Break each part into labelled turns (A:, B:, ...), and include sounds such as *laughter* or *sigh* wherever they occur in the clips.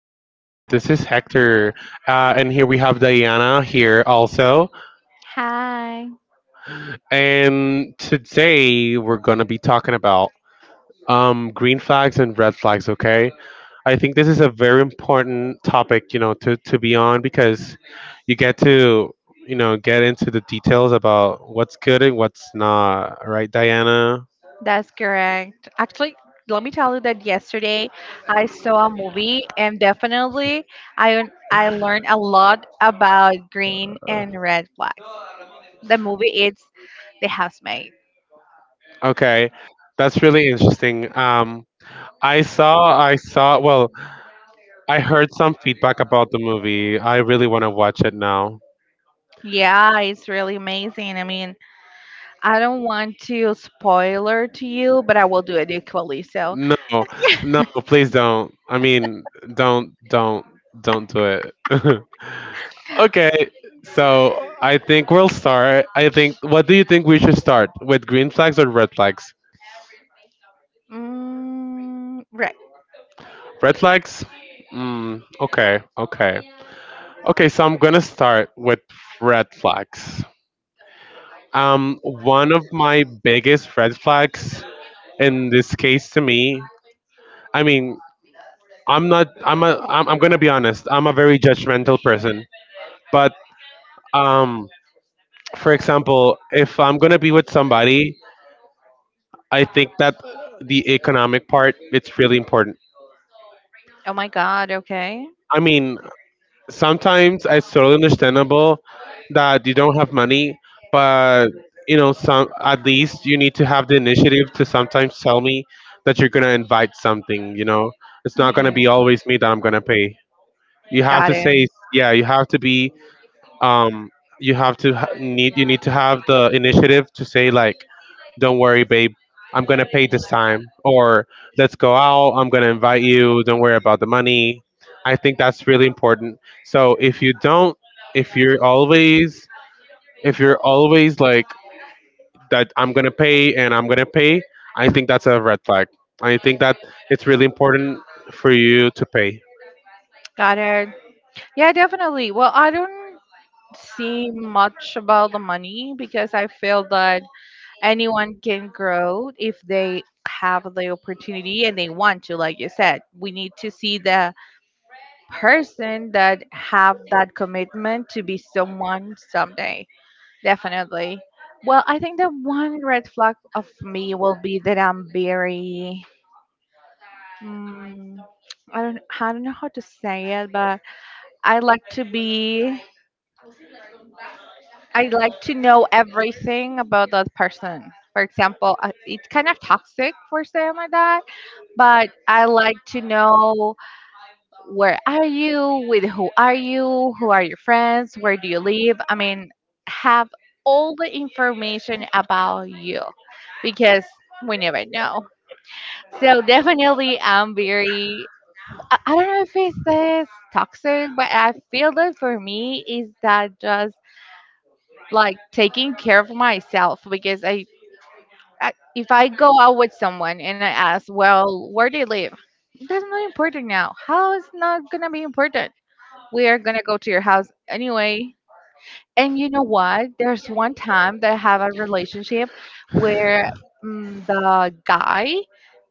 A: being here. This is Hector, and here we have Diana here also.
B: Hi,
A: And today we're gonna be talking about green flags and red flags. Okay, I think this is a very important topic, to be on because you get to get into the details about what's good and what's not. Right, Diana?
B: that's correct. Actually, let me tell you that yesterday I saw a movie and definitely I I learned a lot about green and red flags. The movie is The Housemaid.
A: Okay, that's really interesting. I saw. Well, I heard some feedback about the movie. I really want to watch it now.
B: Yeah, it's really amazing. I mean, I don't want to spoiler to you, but I will do it equally. So,
A: No, no, please don't. I mean, don't, don't, don't do it. *laughs* Okay, so I think we'll start. I think, what do you think we should start with, green flags or red flags?
B: mm, right.
A: Red flags? Mm, okay, okay. Okay, so I'm gonna start with red flags. One of my biggest red flags in this case to me, I mean, I'm not. I'm a. I'm gonna be honest. I'm a very judgmental person. But um, for example, if I'm gonna be with somebody, I think that the economic part it's really important.
B: Oh my God. Okay.
A: I mean, sometimes it's totally understandable that you don't have money, but you know, some at least you need to have the initiative to sometimes tell me that you're gonna invite something. You know, it's not gonna
B: Mhm.
A: be always me that I'm gonna pay. You have
B: Got
A: to
B: it.
A: say yeah. You have to be um, you have need you need to have the initiative to say like, "Don't worry, babe, I'm gonna pay this time," or "Let's go out. I'm gonna invite you. Don't worry about the money." I think that's really important. So if you're always, if you're always like that, I'm gonna pay and I'm gonna pay. I think that's a red flag. I think that it's really important for you to pay.
B: Got it. Yeah, definitely. Well, I don't see much about the money because I feel that anyone can grow if they have the opportunity and they want to, like you said, we need to see the person that have that commitment to be someone someday. Definitely. Well, I think that one red flag of me will be that I'm very, Mm, I don't know how to say it, but I like to be, I like to know everything about that person. For example, it's kind of toxic for saying like that, but I like to know where are you, with who are you, who are your friends, where do you live. I mean, have all the information about you because we never know. So definitely, I'm very, I don't know if it's toxic, but I feel that for me is that just like taking care of myself because I if I go out with someone and I ask, well, where do you live? That's not important now. How is not gonna be important? We are gonna go to your house anyway. And you know what? There's one time that I have a relationship where the guy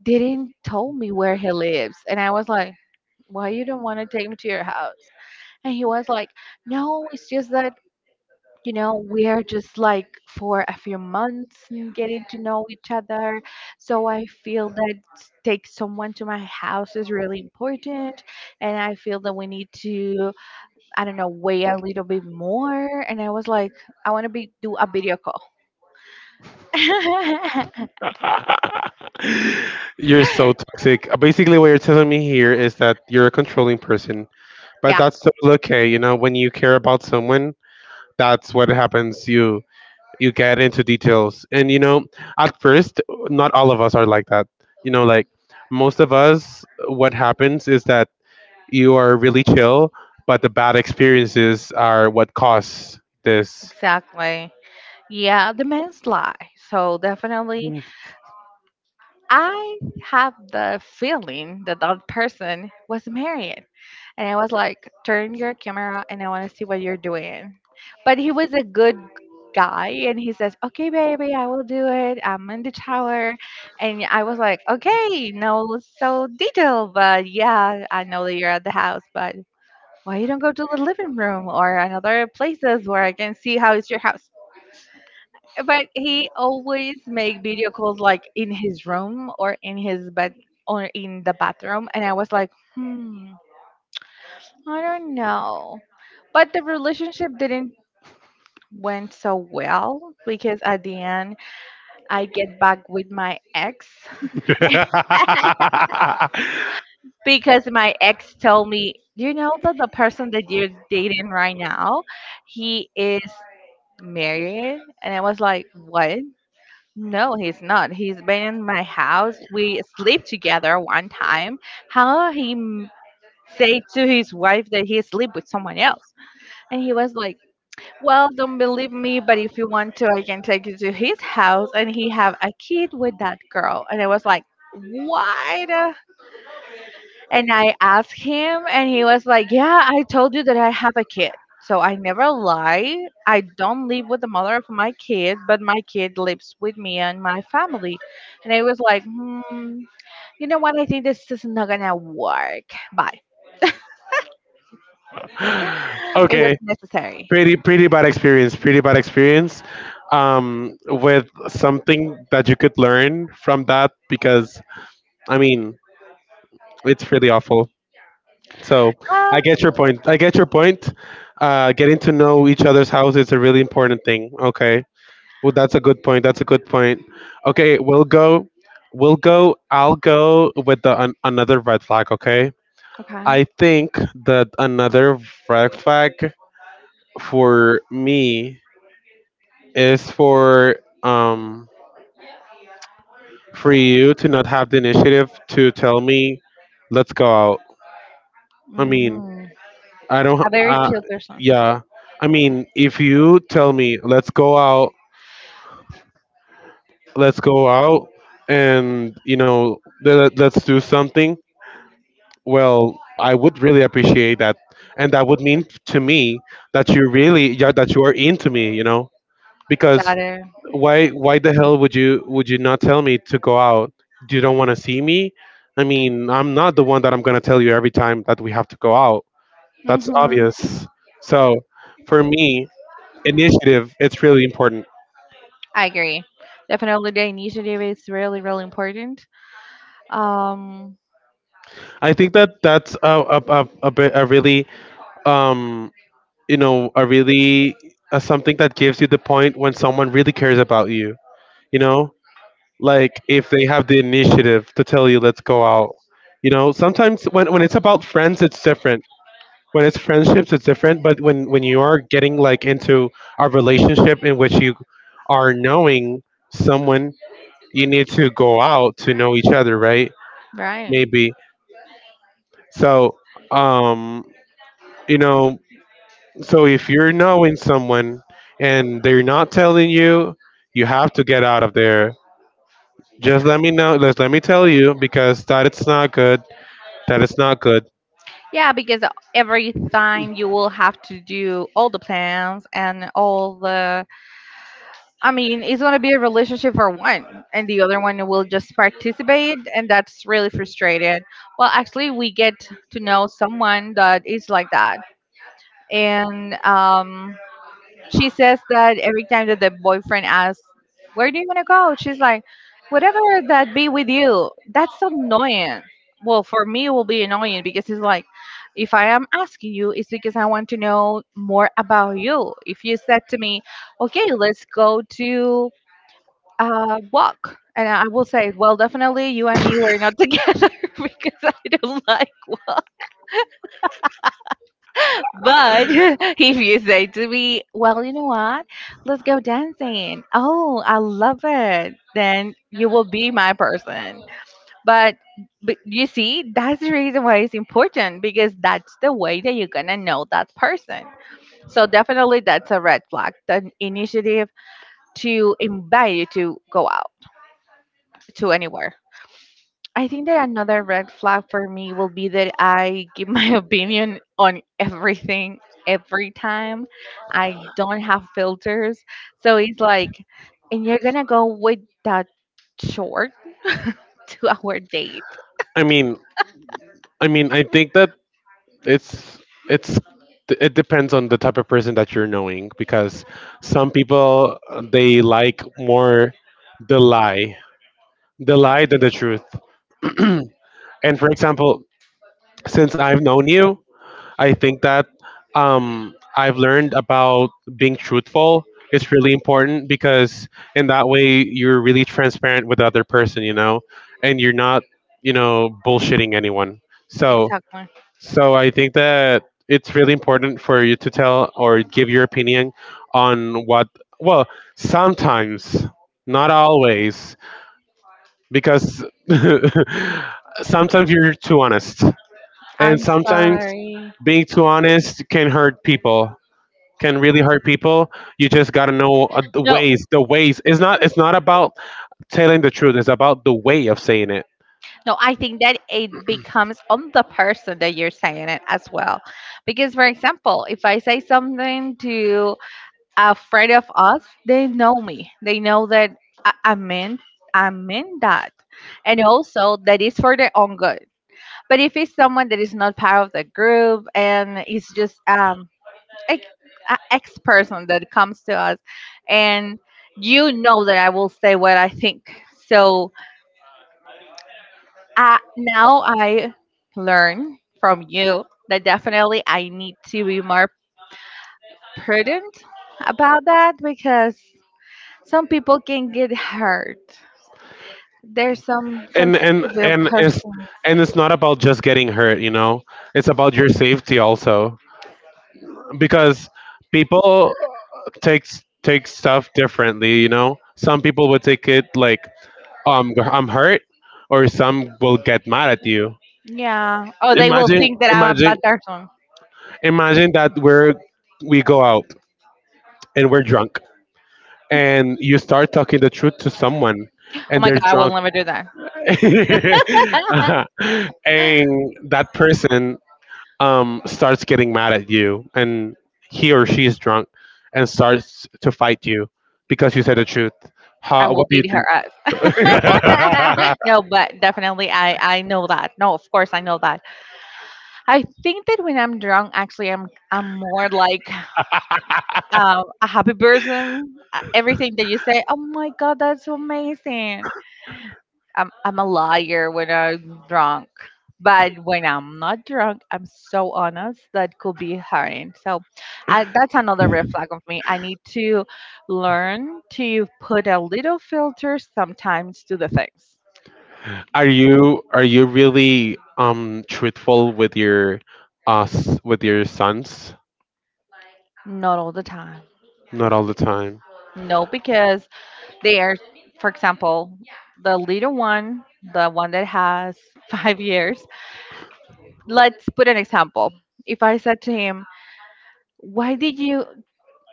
B: didn't tell me where he lives, and I was like, why you don't want to take me to your house? And he was like, no, it's just that, you know, we're just like for a few months and getting to know each other. So I feel that take someone to my house is really important. And I feel that we need to, I don't know, wait a little bit more. And I was like, I want to be do a video call. *laughs*
A: *laughs* You're so toxic. Basically, what you're telling me here is that you're a controlling person, but
B: Yeah,
A: that's still okay. You know, when you care about someone, that's what happens. You get into details, and you know, at first, not all of us are like that. You know, like most of us, what happens is that you are really chill, but the bad experiences are what cause this.
B: exactly. Yeah, the man's lie. So definitely
A: *laughs*
B: I have the feeling that that person was married. And I was like, turn your camera and I want to see what you're doing. But he was a good guy and he says, okay, baby, I will do it. I'm in the shower. And I was like, okay, no, so detailed. But yeah, I know that you're at the house, but why you don't go to the living room or another places where I can see how is your house? But he always make video calls like in his room or in his bed or in the bathroom, and I was like, hmm, I don't know. But the relationship didn't went so well because at the end I get back with my ex,
A: *laughs*
B: because my ex told me, you know that the person that you're dating right now he is married. And I was like, what? No, he's not. He's been in my house. We sleep together one time. How he say to his wife that he sleep with someone else, and he was like, "Well, don't believe me, but if you want to, I can take you to his house." And he have a kid with that girl, and I was like, "What?" And I asked him, and he was like, yeah, I told you that I have a kid. So I never lie. I don't live with the mother of my kid, but my kid lives with me and my family. And I was like, hmm, you know what? I think this is not going to work. Bye. It was
A: Okay,
B: necessary.
A: pretty bad experience, pretty bad experience, with something that you could learn from that because I mean it's really awful. So
B: Uh,
A: I get your point. Getting to know each other's house is a really important thing, okay. Well, that's a good point, that's a good point. Okay, we'll go, I'll go with another red flag, okay. I
B: okay.
A: think that another red flag for me is um for you to not have the initiative to tell me, let's go out. I mean,
B: Mm,
A: I don't
B: a very chill person.
A: yeah, I mean if you tell me let's go out, let's go out, and you know, let's do something, well I would really appreciate that, and that would mean to me that you really, yeah, that you are into me, you know. Because
B: Got it.
A: why the hell would you not tell me to go out? You don't want to see me. I mean, I'm not the one that I'm going to tell you every time that we have to go out. That's
B: Mm-hmm.
A: obvious. So for me, initiative, it's really important.
B: I agree. Definitely, the initiative is really, really important. Um,
A: I think that that's a, a really um you know a really something that gives you the point when someone really cares about you. You know, like if they have the initiative to tell you let's go out. You know, sometimes when it's about friends it's different, when it's friendships it's different, but when you are getting like into a relationship in which you are knowing someone, you need to go out to know each other, right?
B: Right.
A: Maybe. So um you know, so if you're knowing someone and they're not telling you, you have to get out of there. Just let me know, just let me tell you, because that it's not good. That is not good.
B: Yeah, because every time you will have to do all the plans and all the. I mean, it's going to be a relationship for one, and the other one will just participate, and that's really frustrated. Well, actually, we get to know someone that is like that, and she says that every time that the boyfriend asks, "Where do you want to go?" she's like, "Whatever that be with you." That's so annoying. Well, for me, it will be annoying because it's like, if I am asking you, it's because I want to know more about you. If you said to me, "Okay, let's go to walk," and I will say, "Well, definitely, you and me were not *laughs* together because I don't like." walk." But *laughs* if you say to me, well, you know what? Let's go dancing. Oh, I love it. Then you will be my person. But, but you see, that's the reason why it's important because that's the way that you're going to know that person. So definitely that's a red flag, the initiative to invite you to go out to anywhere. I think that another red flag for me will be that I give my *laughs* opinion on everything every time. I don't have filters. So it's like, and you're going to go with that short *laughs* to our date.
A: I mean, I mean, I think that it's it's, it depends on the type of person that you're knowing, because some people they like more the lie, the lie than the truth. *clears throat* And for example, since I've known you, I think that I've learned about being truthful. It's really important because in that way you're really transparent with the other person, you know, and you're not, you know, bullshitting anyone. So
B: Exactly.
A: So I think that it's really important for you to tell or give your opinion on what, well, sometimes, not always, because *laughs* sometimes you're too honest. And
B: I'm
A: sometimes
B: sorry.
A: being too honest can hurt people, can really hurt people. You just got to know the
B: No,
A: ways, the ways. It's not about telling the truth, it's about the way of saying it.
B: no, I think that it becomes on the person that you're saying it as well. Because, for example, if I say something to afraid of us, they know me. They know that I meant, I meant that. And also that is for their own good. But if it's someone that is not part of the group and it's just ex, a ex person that comes to us, and you know that I will say what I think. So I, now I learn from you that definitely I need to be more prudent about that because some people can get hurt. There's some
A: And
B: sensitive
A: and it's,
B: persons.
A: and it's not about just getting hurt, you know, it's about your safety also, because people take stuff differently. You know, some people would take it like I'm hurt, or some will get mad at you.
B: Yeah. Oh, they will
A: imagine
B: think that I'm a
A: imagine
B: bad person.
A: imagine that we're, we go out and we're drunk, and you start talking the truth to someone,
B: Oh
A: and
B: my
A: they're
B: God, I will
A: drunk, *laughs*
B: never do that. *laughs*
A: and that person starts getting mad at you, and he or she is drunk and starts to fight you because you said the truth.
B: I
A: How,
B: will
A: what do you
B: beat her
A: think?
B: up. *laughs* No, but definitely I know that. No, of course I know that. I think that when I'm drunk, actually I'm more like
A: *laughs*
B: a happy person. Everything that you say, oh my God, that's amazing. I'm a liar when I'm drunk, but when I'm not drunk, I'm so honest that could be hurting. So, I, that's another red flag of me. I need to learn to put a little filter sometimes to the things,
A: Are you really truthful with your us with your sons?
B: not all the time.
A: Not all the time.
B: No, because they are, for example, the little one, the one that has *laughs* 5 years. Let's put an example. If I said to him, "Why did you,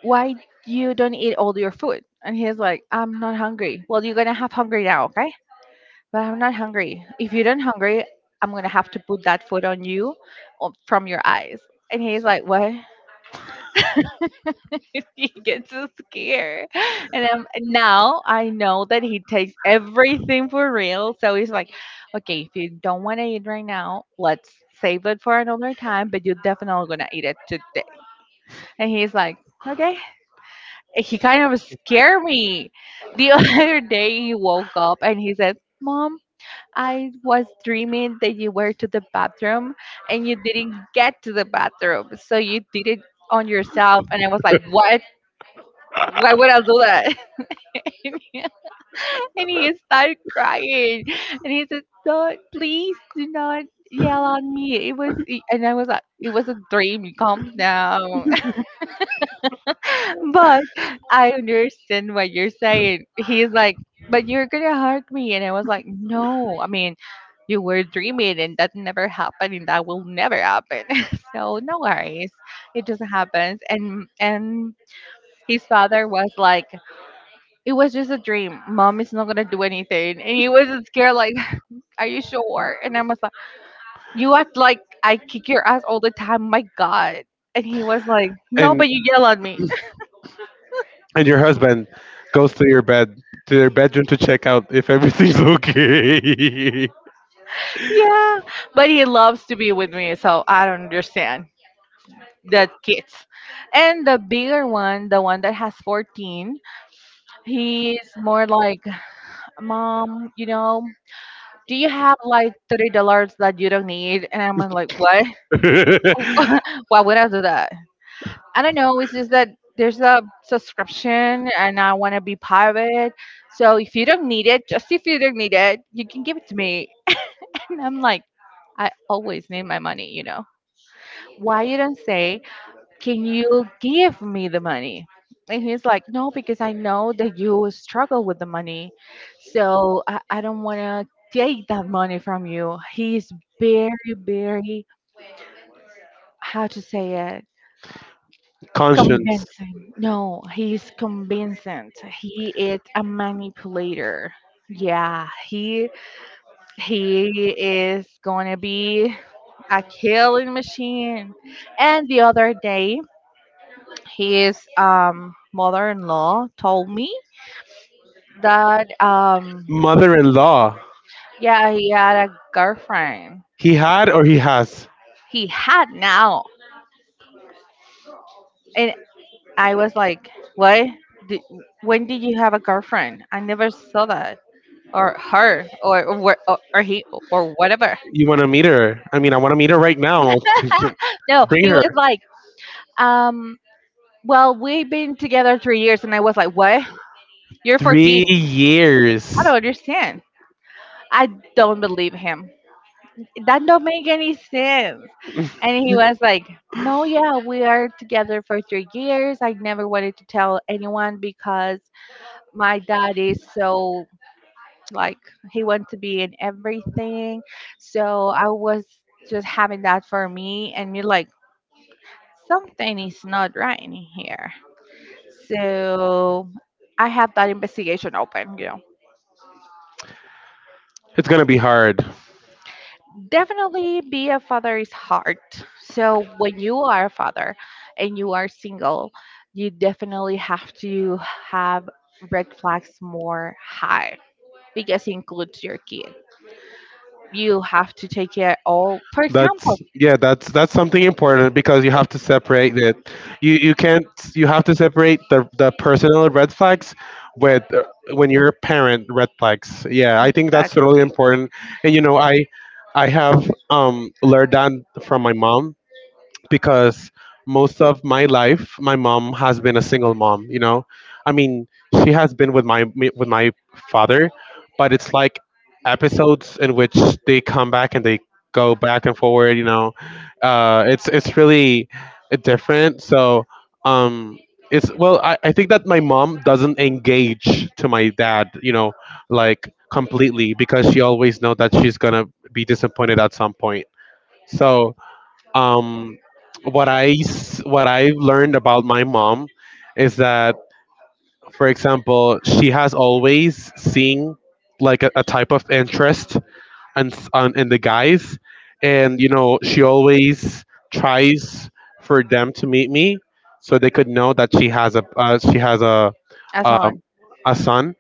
B: why you don't eat all your food?" And he's like, I'm not hungry. Well, you're gonna have hungry now, okay? But I'm not hungry. If you don't hungry, I'm gonna have to put that food on you from your eyes. And he's like, what? *laughs* He gets so scared. And now I know that he takes everything for real. So he's like, okay, if you don't want to eat right now, let's save it for another time. But you're definitely gonna eat it today. And he's like, okay, he kind of scared me. The *laughs* other day he woke up and he said, Mom, I was dreaming that you were to the bathroom and you didn't get to the bathroom. So you did it on yourself. And I was like, what? Why would I do that? *laughs* And he, and he started crying. And he said, don't, please do not yell on me. It was, and I was like, it was a dream. Calm down. But I understand what you're saying. He's like, but you're gonna hurt me. And I was like, no, I mean, you were dreaming and that never happened and that will never happen. *laughs* So no worries. It just happens. And his father was like, it was just a dream. Mom is not gonna do anything. And he was scared, like, *laughs* are you sure? And I was like, you act like I kick your ass all the time, my God. And he was like, no,
A: and
B: but you yell at me.
A: and your husband goes to your bed, to their bedroom, to check out if everything's okay.
B: Yeah, but he loves to be with me, so I don't understand the kids. And the bigger one, the one that has 14, he's more like, Mom, you know, do you have like $30 that you don't need? And I'm like, what?
A: *laughs*
B: *laughs* Why would I do that? I don't know. It's just that there's a subscription and I want to be part of it. So if you don't need it, just if you don't need it, you can give it to me. *laughs* And I'm like, I always need my money, you know. Why you don't say can you give me the money? And he's like, no, because I know that you struggle with the money. So I don't want to take that money from you. He's very, very, how to say it?
A: Conscience.
B: Convincing. No, he's convincing. He is a manipulator. Yeah, he is gonna be a killing machine. And the other day, his mother-in-law told me that
A: Mother-in-law.
B: yeah, he had a girlfriend.
A: He had or he has.
B: He had now, and I was like, what? Did, when did you have a girlfriend? I never saw that or her or, or he or whatever.
A: You want to meet her? I mean, I want to meet her right now. *laughs*
B: No,
A: Bring
B: he
A: her.
B: was like, um, well, we've been together 3 years, and I was like, what? You're
A: Three
B: 14. I
A: years.
B: don't understand. I don't believe him. That don't make any sense. And he was like, no, yeah, we are together for 3 years. I never wanted to tell anyone because my dad is so like he wants to be in everything. So I was just having that for me and me like something is not right in here. So I have that investigation open.
A: It's gonna be hard.
B: Definitely be a father is hard. So when you are a father and you are single, you definitely have to have red flags more high because it includes your kid. You have to take care all, for example.
A: That's, yeah. That's something important because you have to separate it. You can't. You have to separate the personal red flags with when you're a parent red flags. Yeah, I think that's totally
B: Exactly.
A: important. And you know, I have learned that from my mom, because most of my life my mom has been a single mom, you know. I mean, she has been with with my father, but it's like episodes in which they come back and they go back and forward, you know. It's really different. So um it's, well I think that my mom doesn't engage to my dad, you know, like completely, because she always know that she's gonna be disappointed at some point. So um, what I've learned about my mom is that, for example, she has always seen like a type of interest on in the guys, and you know she always tries for them to meet me so they could know that she has
B: As
A: um,
B: on
A: a son,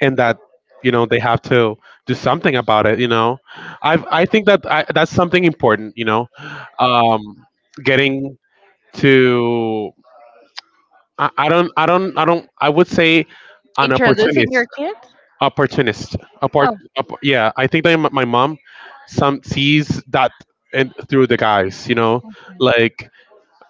A: and that you know they have to do something about it, you know. I think that that's something important, you know. um getting to I don't, I would say, an
B: introducing
A: opportunist.
B: your kid.
A: Opportunist apart.
B: Oh.
A: Yeah, I think that my mom some sees that and through the guys, you know, like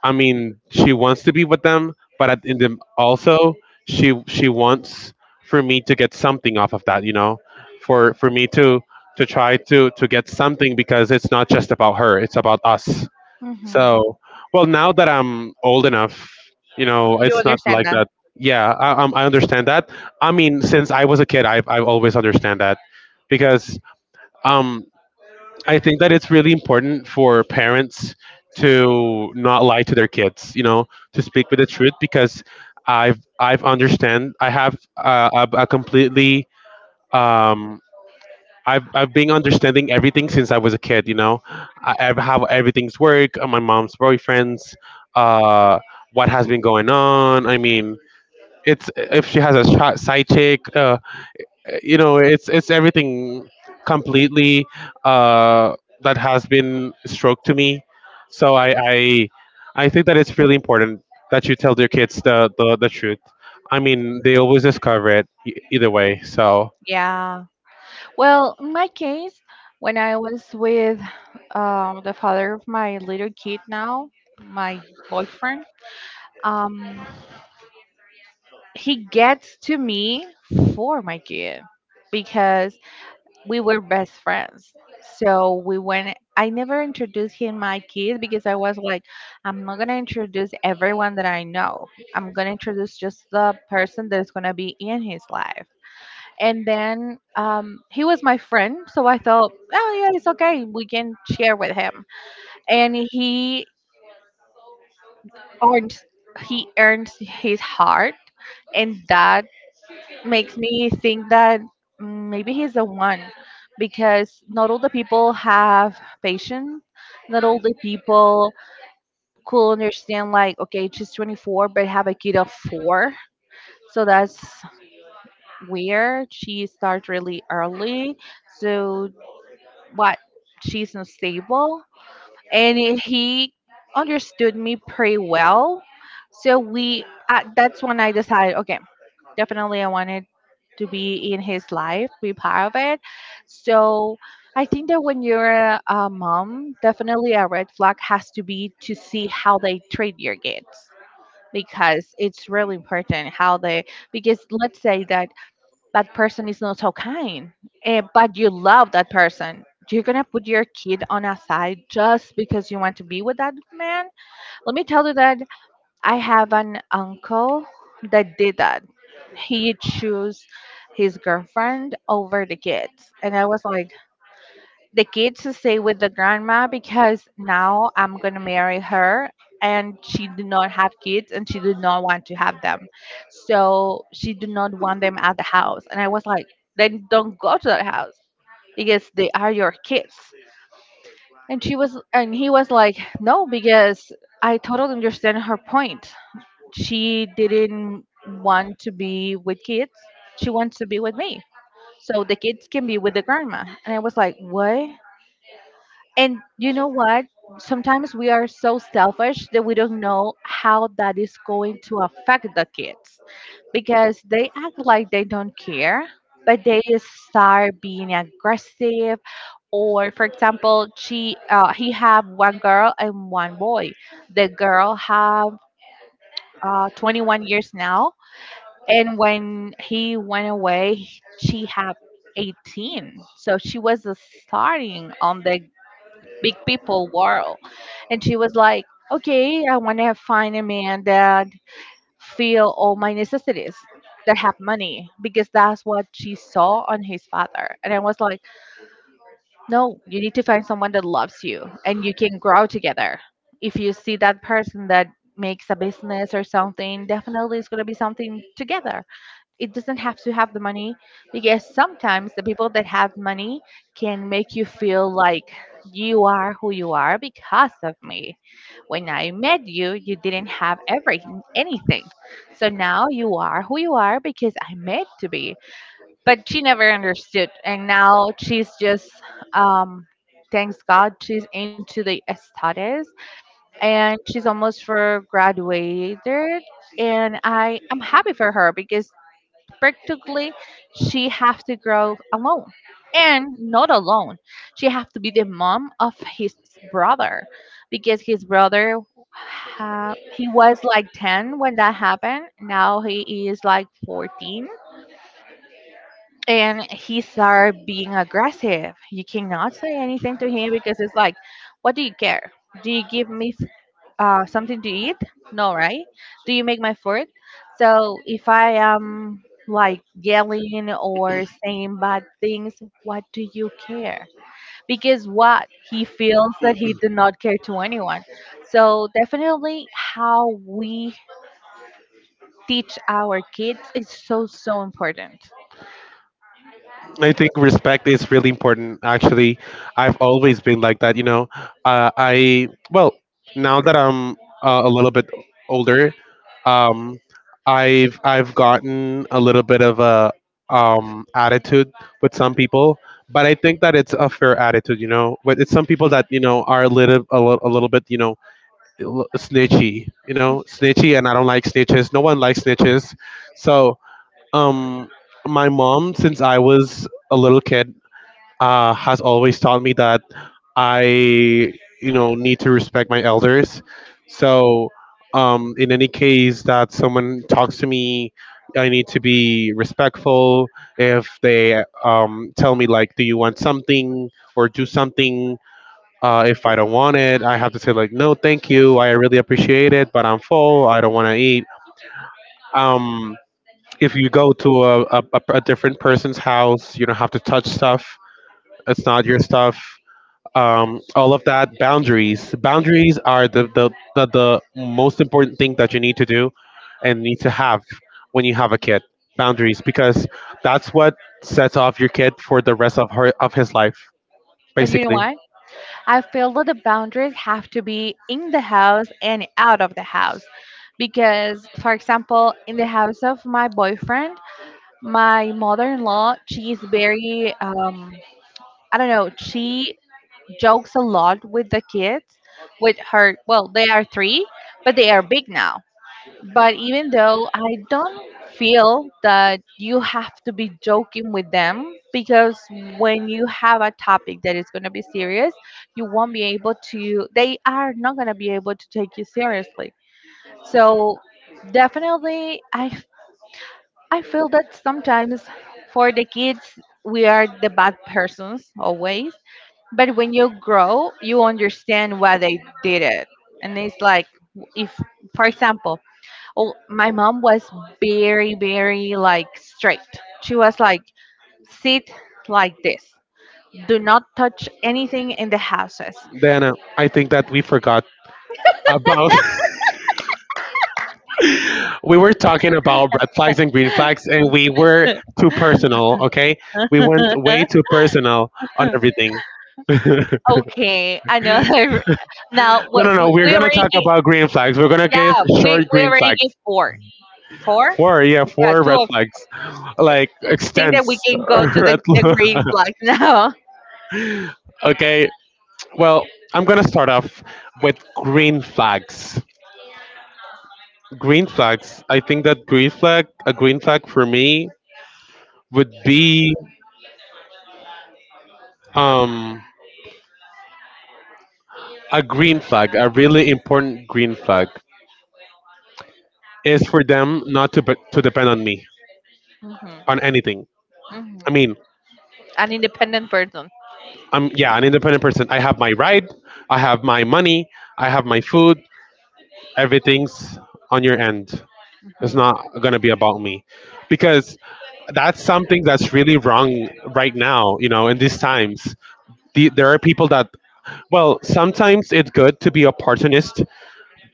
A: I mean, she wants to be with them, but in the, also she wants for me to get something off of that, you know, for me to try to get something, because it's not just about her, it's about us.
B: Mhm.
A: So, well, now that I'm old enough, you know,
B: You
A: it's not
B: understand
A: like
B: that.
A: that. Yeah, I understand that. I mean, since I was a kid, I've always understand that because. um. I think that it's really important for parents to not lie to their kids, you know, to speak with the truth because I've understand, I have a completely um I've been understanding everything since I was a kid, you know. I've how everything's work, my mom's boyfriends, uh what has been going on. I mean, it's if she has a side chick, you know, it's everything completely uh, that has been stroked to me. So I think that it's really important that you tell your kids the truth. I mean they always discover it either way. So
B: Yeah. Well, in my case, when I was with the father of my little kid now, my boyfriend, um, he gets to me for my kid because we were best friends. I never introduced him my kid because I was like, I'm not going to introduce everyone that I know. I'm going to introduce just the person that's going to be in his life. And then he was my friend, so I thought, oh yeah, it's okay, we can share with him. And earned he earned his heart, and that makes me think that maybe he's the one, because not all the people have patience, not all the people could understand like, okay, she's 24 but have a kid of four, so that's weird. She starts really early. So. But she's not stable, and he understood me pretty well, so we that's when I decided, okay, definitely I wanted to be in his life, be part of it. So I think that when you're a mom, definitely a red flag has to be to see how they treat your kids, because it's really important how they. Because let's say that that person is not so kind, but you love that person. You're gonna put your kid on a side just because you want to be with that man. Let me tell you that I have an uncle that did that. He chose his girlfriend over the kids, and I was like, the kids to stay with the grandma because now I'm gonna marry her, and she did not have kids and she did not want to have them. So she did not want them at the house. And I was like, then don't go to that house because they are your kids. And he was like, no, because I totally understand her point. She didn't want to be with kids. She wants to be with me. So the kids can be with the grandma. And I was like, what? And you know what? Sometimes we are so selfish that we don't know how that is going to affect the kids, because they act like they don't care, but they start being aggressive. Or, for example, she he have one girl and one boy. The girl have 21 years now, and when he went away, she had 18. So she was starting on the big people world. And she was like, okay, I want to find a man that feel all my necessities, that have money, because that's what she saw on his father. And I was like, no, you need to find someone that loves you and you can grow together. If you see that person that makes a business or something, definitely it's going to be something together. It doesn't have to have the money, because sometimes the people that have money can make you feel like, you are who you are because of me. When I met you, you didn't have everything, anything. So now you are who you are because I meant to be. But she never understood. And now she's just, um, thanks God, she's into the studies and she's almost for graduated. And I am happy for her because practically she have to grow alone. And not alone, she have to be the mom of his brother, because his brother he was like 10 when that happened. Now he is like 14, and he started being aggressive. You cannot say anything to him because it's like, what do you care? Do you give me something to eat? No, right? Do you make my food? So if I am like yelling or saying bad things, what do you care? Because what he feels that he did not care to anyone. So definitely, how we teach our kids is so so important.
A: I think respect is really important. Actually, I've always been like that. You know, I, well now that I'm a little bit older, um, I've gotten a little bit of a attitude with some people, but I think that it's a fair attitude. You know, but it's some people that you know are a little a little bit you know snitchy. You know, snitchy, and I don't like snitches. No one likes snitches, so. Um, my mom, since I was a little kid, has always taught me that I, you know, need to respect my elders. So, in any case that someone talks to me, I need to be respectful. If they tell me like, "Do you want something?" or "Do something," if I don't want it, I have to say like, "No, thank you. I really appreciate it, but I'm full. I don't want to eat." Um, if you go to a different person's house, you don't have to touch stuff. It's not your stuff. All of that boundaries. Boundaries are the most important thing that you need to do and need to have when you have a kid. Boundaries, because that's what sets off your kid for the rest of her of his life,
B: But you know
A: basically.
B: what? I feel that the boundaries have to be in the house and out of the house. Because, for example, in the house of my boyfriend, my mother-in-law, she is very, I don't know, she jokes a lot with the kids, with her, well, they are 3, but they are big now. But even though, I don't feel that you have to be joking with them, because when you have a topic that is going to be serious, you won't be able to they are not going to be able to take you seriously. So definitely I feel that sometimes for the kids, we are the bad persons always. But when you grow, you understand why they did it. And it's like, if, for example, oh, my mom was very, very like straight. She was like, sit like this. Do not touch anything in the houses.
A: Then I think that we forgot about *laughs* we were talking about red flags and green flags and we were too personal, okay, we went way too
B: *laughs*
A: personal on everything. *laughs* No,
B: Okay, another. Now,
A: no
B: what
A: no
B: we,
A: we're
B: we
A: gonna
B: already.
A: talk about green flags. We're gonna give
B: Yeah, we
A: short
B: we
A: green
B: already
A: flags.
B: give four. Four?
A: Four, yeah,
B: Yeah,
A: four
B: two
A: red
B: of.
A: flags, like
B: I think that we
A: extents.
B: can go
A: *laughs*
B: to the,
A: Red
B: the
A: flag.
B: green flag now. *laughs*
A: Okay, well, I'm gonna start off with green flags. Green flags, I think that green flag a green flag for me would be um a green flag, a really important green flag, is for them not to depend on me
B: Hmm.
A: on anything.
B: Hmm.
A: I mean,
B: An independent person.
A: I'm, yeah, an independent person. I have my ride, I have my money, I have my food. Everything's on your end. It's
B: Hmm.
A: not gonna be about me, because that's something that's really wrong right now. You know, in these times, the, there are people that, well, sometimes it's good to be opportunist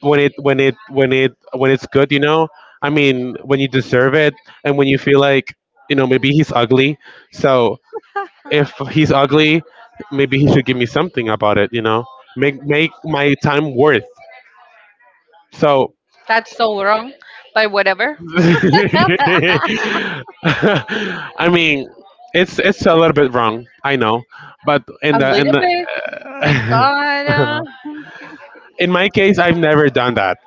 A: when it's good, you know. I mean, when you deserve it and when you feel like, you know, maybe he's ugly, so if he's ugly maybe he should give me something about it, you know, make my time worth. So
B: That's so wrong, but whatever.
A: *laughs*
B: *laughs*
A: I mean, it's a little bit wrong, I know, but in
B: A
A: the in
B: little bit. My
A: the *laughs*
B: God.
A: in my case, I've never done that.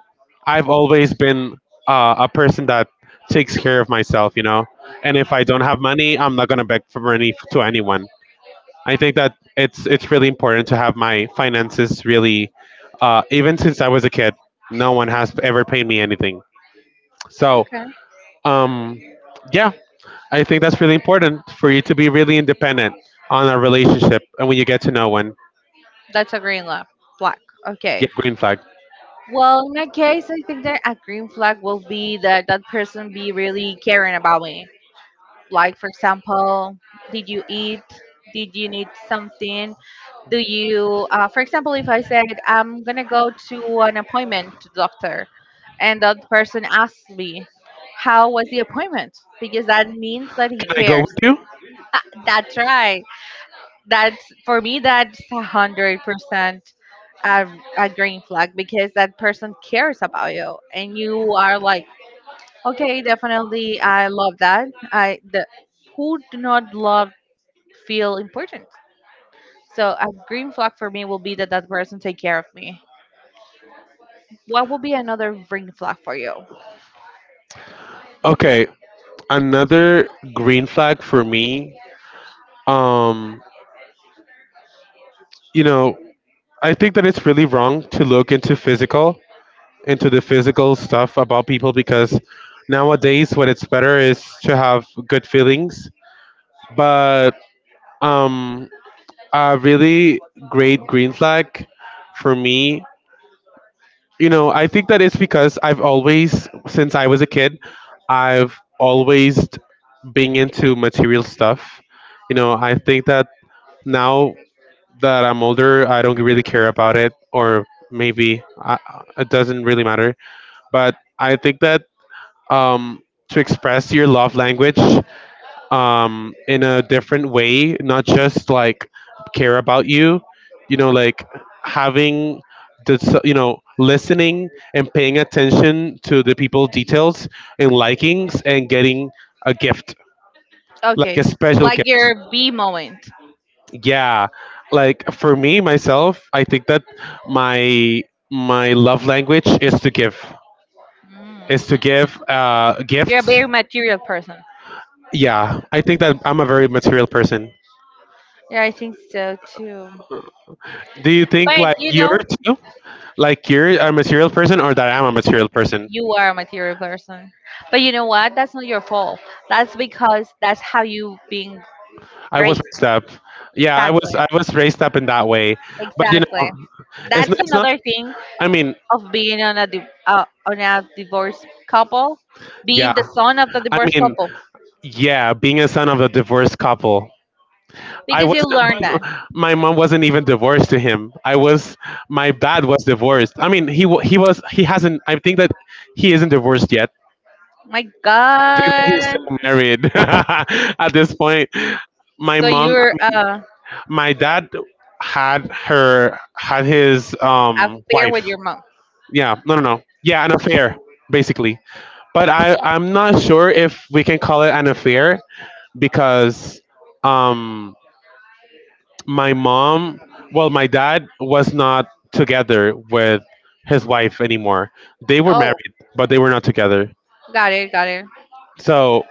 A: I've always been a person that takes care of myself, you know. And if I don't have money, I'm not gonna beg for money f- to anyone. I think that it's really important to have my finances really. Even since I was a kid, no one has ever paid me anything. So,
B: Okay,
A: um, yeah, I think that's really important for you to be really independent on a relationship and when you get to know one.
B: that's a green flag.
A: Yeah,
B: Okay.
A: green flag.
B: Well, in my case, I think that a green flag will be that that person be really caring about me. Like, for example, did you eat? Did you need something? Do you For example, if I said I'm gonna go to an appointment to doctor, and that person asks me how was the appointment, because that means that he
A: Can I go with
B: cares.
A: you?
B: Ah, that's right. That's for me, that's 100% a a green flag, because that person cares about you, and you are like, okay, definitely I love that. I, the who do not love, feel important. So a green flag for me will be that that person take care of me. What will be another green flag for you?
A: Okay, another green flag for me. Um, you know, I think that it's really wrong to look into physical, into the physical stuff about people because nowadays what it's better is to have good feelings. But um, a really great green flag for me, you know, I think that it's because I've always, since I was a kid, I've always been into material stuff. You know, I think that now that I'm older, I don't really care about it, or maybe I, it doesn't really matter. But I think that um, to express your love language in a different way, not just like care about you, you know, like having the, you know, listening and paying attention to the people details and likings and getting a gift, like
B: Okay,
A: a special
B: like
A: gift.
B: your B moment.
A: Yeah, like for me myself, I think that my my love language is to give, is to
B: Mm.
A: give
B: You're a
A: gifts.
B: very material person.
A: Yeah, I think that I'm a very material person.
B: Yeah, I think so too.
A: Do you think
B: But
A: like you're too, like you're a material person or that I'm a material person?
B: you are a material person. But you know what? That's not your fault. That's because that's how you being
A: I was
B: raised.
A: raised up, yeah, I was
B: Exactly.
A: I was raised up in that way. But you
B: Exactly.
A: know,
B: That's
A: it's not,
B: another thing
A: I mean,
B: of being on a on a divorced couple,
A: yeah,
B: being the son of the
A: I
B: divorced
A: mean,
B: couple.
A: yeah, being a son of a divorced couple. I
B: Because you
A: wasn't.
B: learned that.
A: My mom wasn't even divorced to him. I was. My dad was divorced. I mean, he was. He hasn't. I think that he isn't divorced yet.
B: My
A: I think that he's
B: God.
A: still married *laughs* at this point. My
B: So
A: mom.
B: you're
A: My dad had her, had his
B: affair with
A: wife.
B: your mom.
A: Yeah. No. No. No. Yeah. An affair, basically. But I'm not sure if we can call it an affair because um my mom, well, my dad was not together with his wife anymore. They were
B: Oh,
A: married, but they were not together.
B: got it, got it.
A: So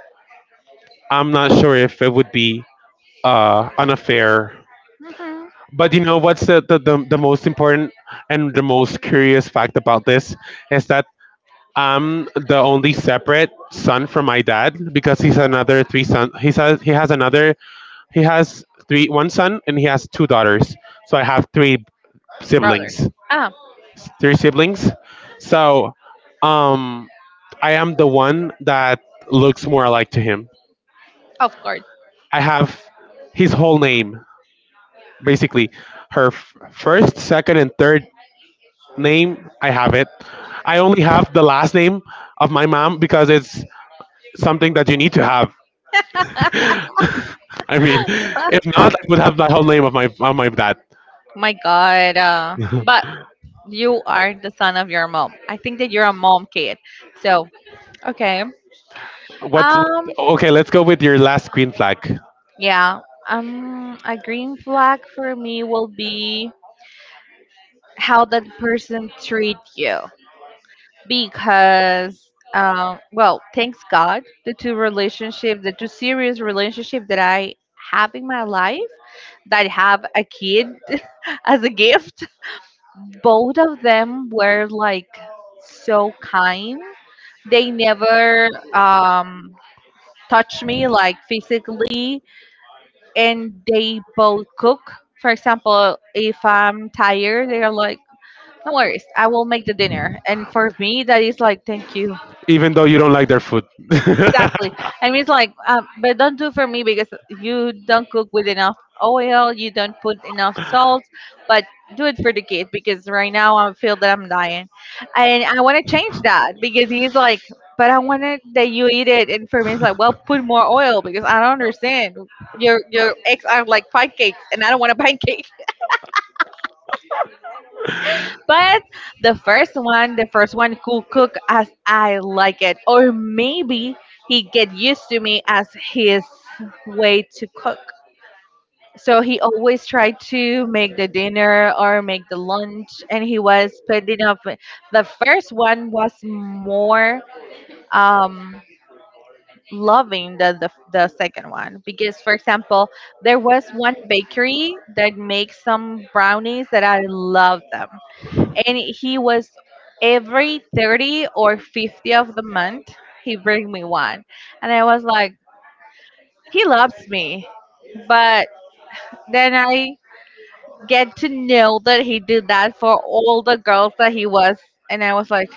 A: I'm not sure if it would be an affair.
B: Hmm.
A: But you know what's the most important and the most curious fact about this is that I'm the only separate son from my dad because he's another three son. He has three one son and he has two daughters. So I have three
B: Brother.
A: siblings.
B: Ah,
A: Three siblings. So um, I am the one that looks more alike to him.
B: of course. *laughs*
A: I have his whole name, basically. Her f- first, second, and third name, I have it. I only have the last name of my mom because it's something that you need to have. *laughs* I mean, if not, I would have the whole name of my dad.
B: My God. But you are the son of your mom. I think that you're a mom kid. So okay.
A: What's what,
B: Um.
A: okay? Let's go with your last green flag,
B: Yeah. A green flag for me will be how that person treat you. Because well, thanks God, the two serious relationship that I have in my life, that have a kid *laughs* as a gift, both of them were like so kind. They never touch me like physically, and they both cook. For example, if I'm tired, they're like, no worries, I will make the dinner. And for me that is like, thank you.
A: even though you don't like their food. *laughs*
B: Exactly. And mean, it's like, but don't do for me because you don't cook with enough oil, you don't put enough salt, but do it for the kid because right now I feel that I'm dying. And I want to change that because he's like, but I wanted that you eat it. And for me, it's like, well, put more oil because I don't understand. Your eggs are like pancakes and I don't want a *laughs* pancake. But the first one could cook as I like it, or maybe he get used to me as his way to cook. So he always tried to make the dinner or make the lunch, and he was putting up. The first one was more um, loving than the second one because, for example, there was one bakery that makes some brownies that I love them. And he was, every 30 or 50 of the month, he bring me one. And I was like, he loves me. But then I get to know that he did that for all the girls that he was. And I was like,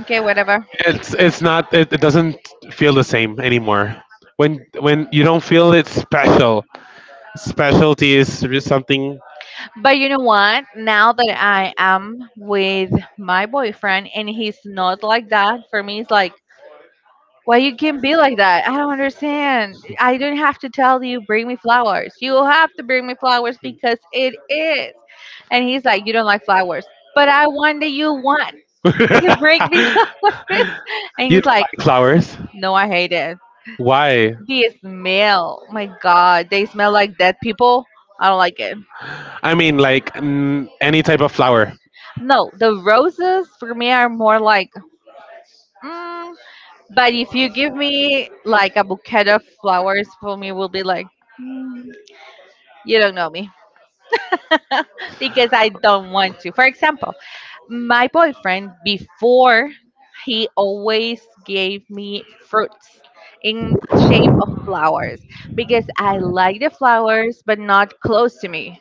B: okay, whatever.
A: It's not it, it doesn't feel the same anymore. When you don't feel it special. Specialty is re- something.
B: But you know what? Now that I am with my boyfriend and he's not like that, for me it's like, why you can't be like that? I don't understand. I don't have to tell you bring me flowers. You will have to bring me flowers because it is. And he's like, you don't like flowers, but I want that you want
A: *laughs*
B: to
A: You
B: bring me *laughs* flowers. And
A: don't
B: he's like,
A: like flowers?
B: no, I hate it.
A: Why?
B: The smell, my God, they smell like dead people. I don't like it.
A: I mean like n- any type of flower.
B: No, the roses for me are more like. Mm, but if you give me like a bouquet of flowers, for me will be like, mm, you don't know me. *laughs* Because I don't want to. For example, my boyfriend before, he always gave me fruits in shape of flowers, because I like the flowers but not close to me.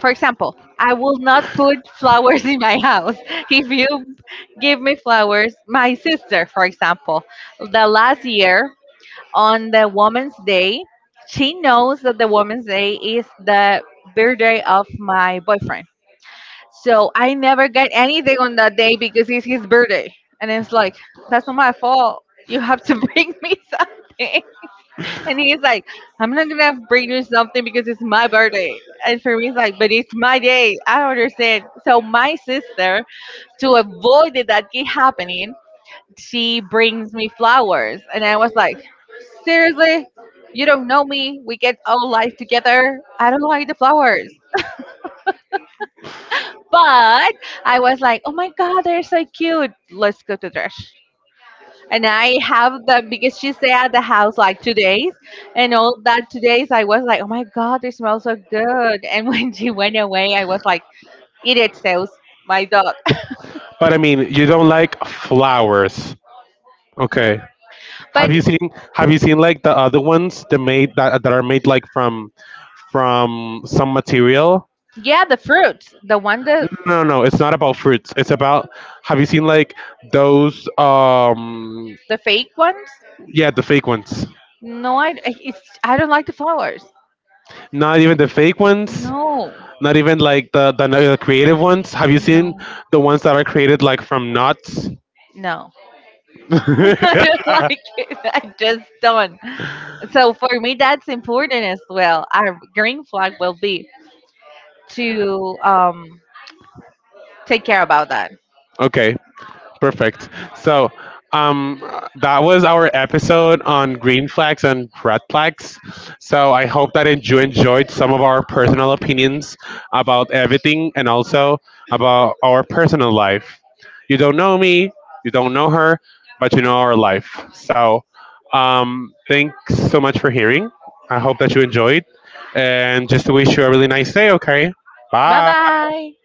B: For example, I will not put *laughs* flowers in my house. *laughs* If you give me flowers, my sister, for example, the last year on the Woman's Day, she knows that the Woman's Day is the birthday of my boyfriend, so I never get anything on that day because it's his birthday. And it's like, that's not my fault. You have to *laughs* bring me something. And he's like, I'm not going to bring you something because it's my birthday. And for me, it's like, but it's my day. I don't understand. So my sister, to avoid it that keep happening, she brings me flowers. And I was like, seriously? You don't know me. We get all life together. I don't like the flowers. But I was like, oh my God, they're so cute. Let's go to Trash. And I have them because she stayed at the house like 2 days. And all that 2 days, I was like, oh my God, they smell so good. And *laughs* when she went away, I was like, eat it, sales, my dog. *laughs*
A: But I mean, you don't like flowers. Okay. Have
B: But
A: you seen, have you seen like the other ones that made that that are made like from some material?
B: yeah, the fruits, the one
A: No,
B: that.
A: no, no. It's not about fruits. It's about, have you seen like those?
B: The fake ones.
A: Yeah, the fake ones.
B: No, I don't like the flowers.
A: Not even the fake ones.
B: No,
A: Not even like the creative ones. Have you seen
B: no,
A: the ones that are created like from nuts?
B: no. *laughs* I don't like it. I just don't. So
A: *laughs*
B: for me, that's important as well. Our green flag will be to take care about that.
A: Okay. Perfect. So um, that was our episode on green flags and red flags. So I hope that en- you enjoyed some of our personal opinions about everything and also about our personal life. You don't know me, you don't know her, but you know our life. So thanks so much for hearing. I hope that you enjoyed and just to wish you a really nice day, okay?
B: Bye
A: Bye.
B: bye.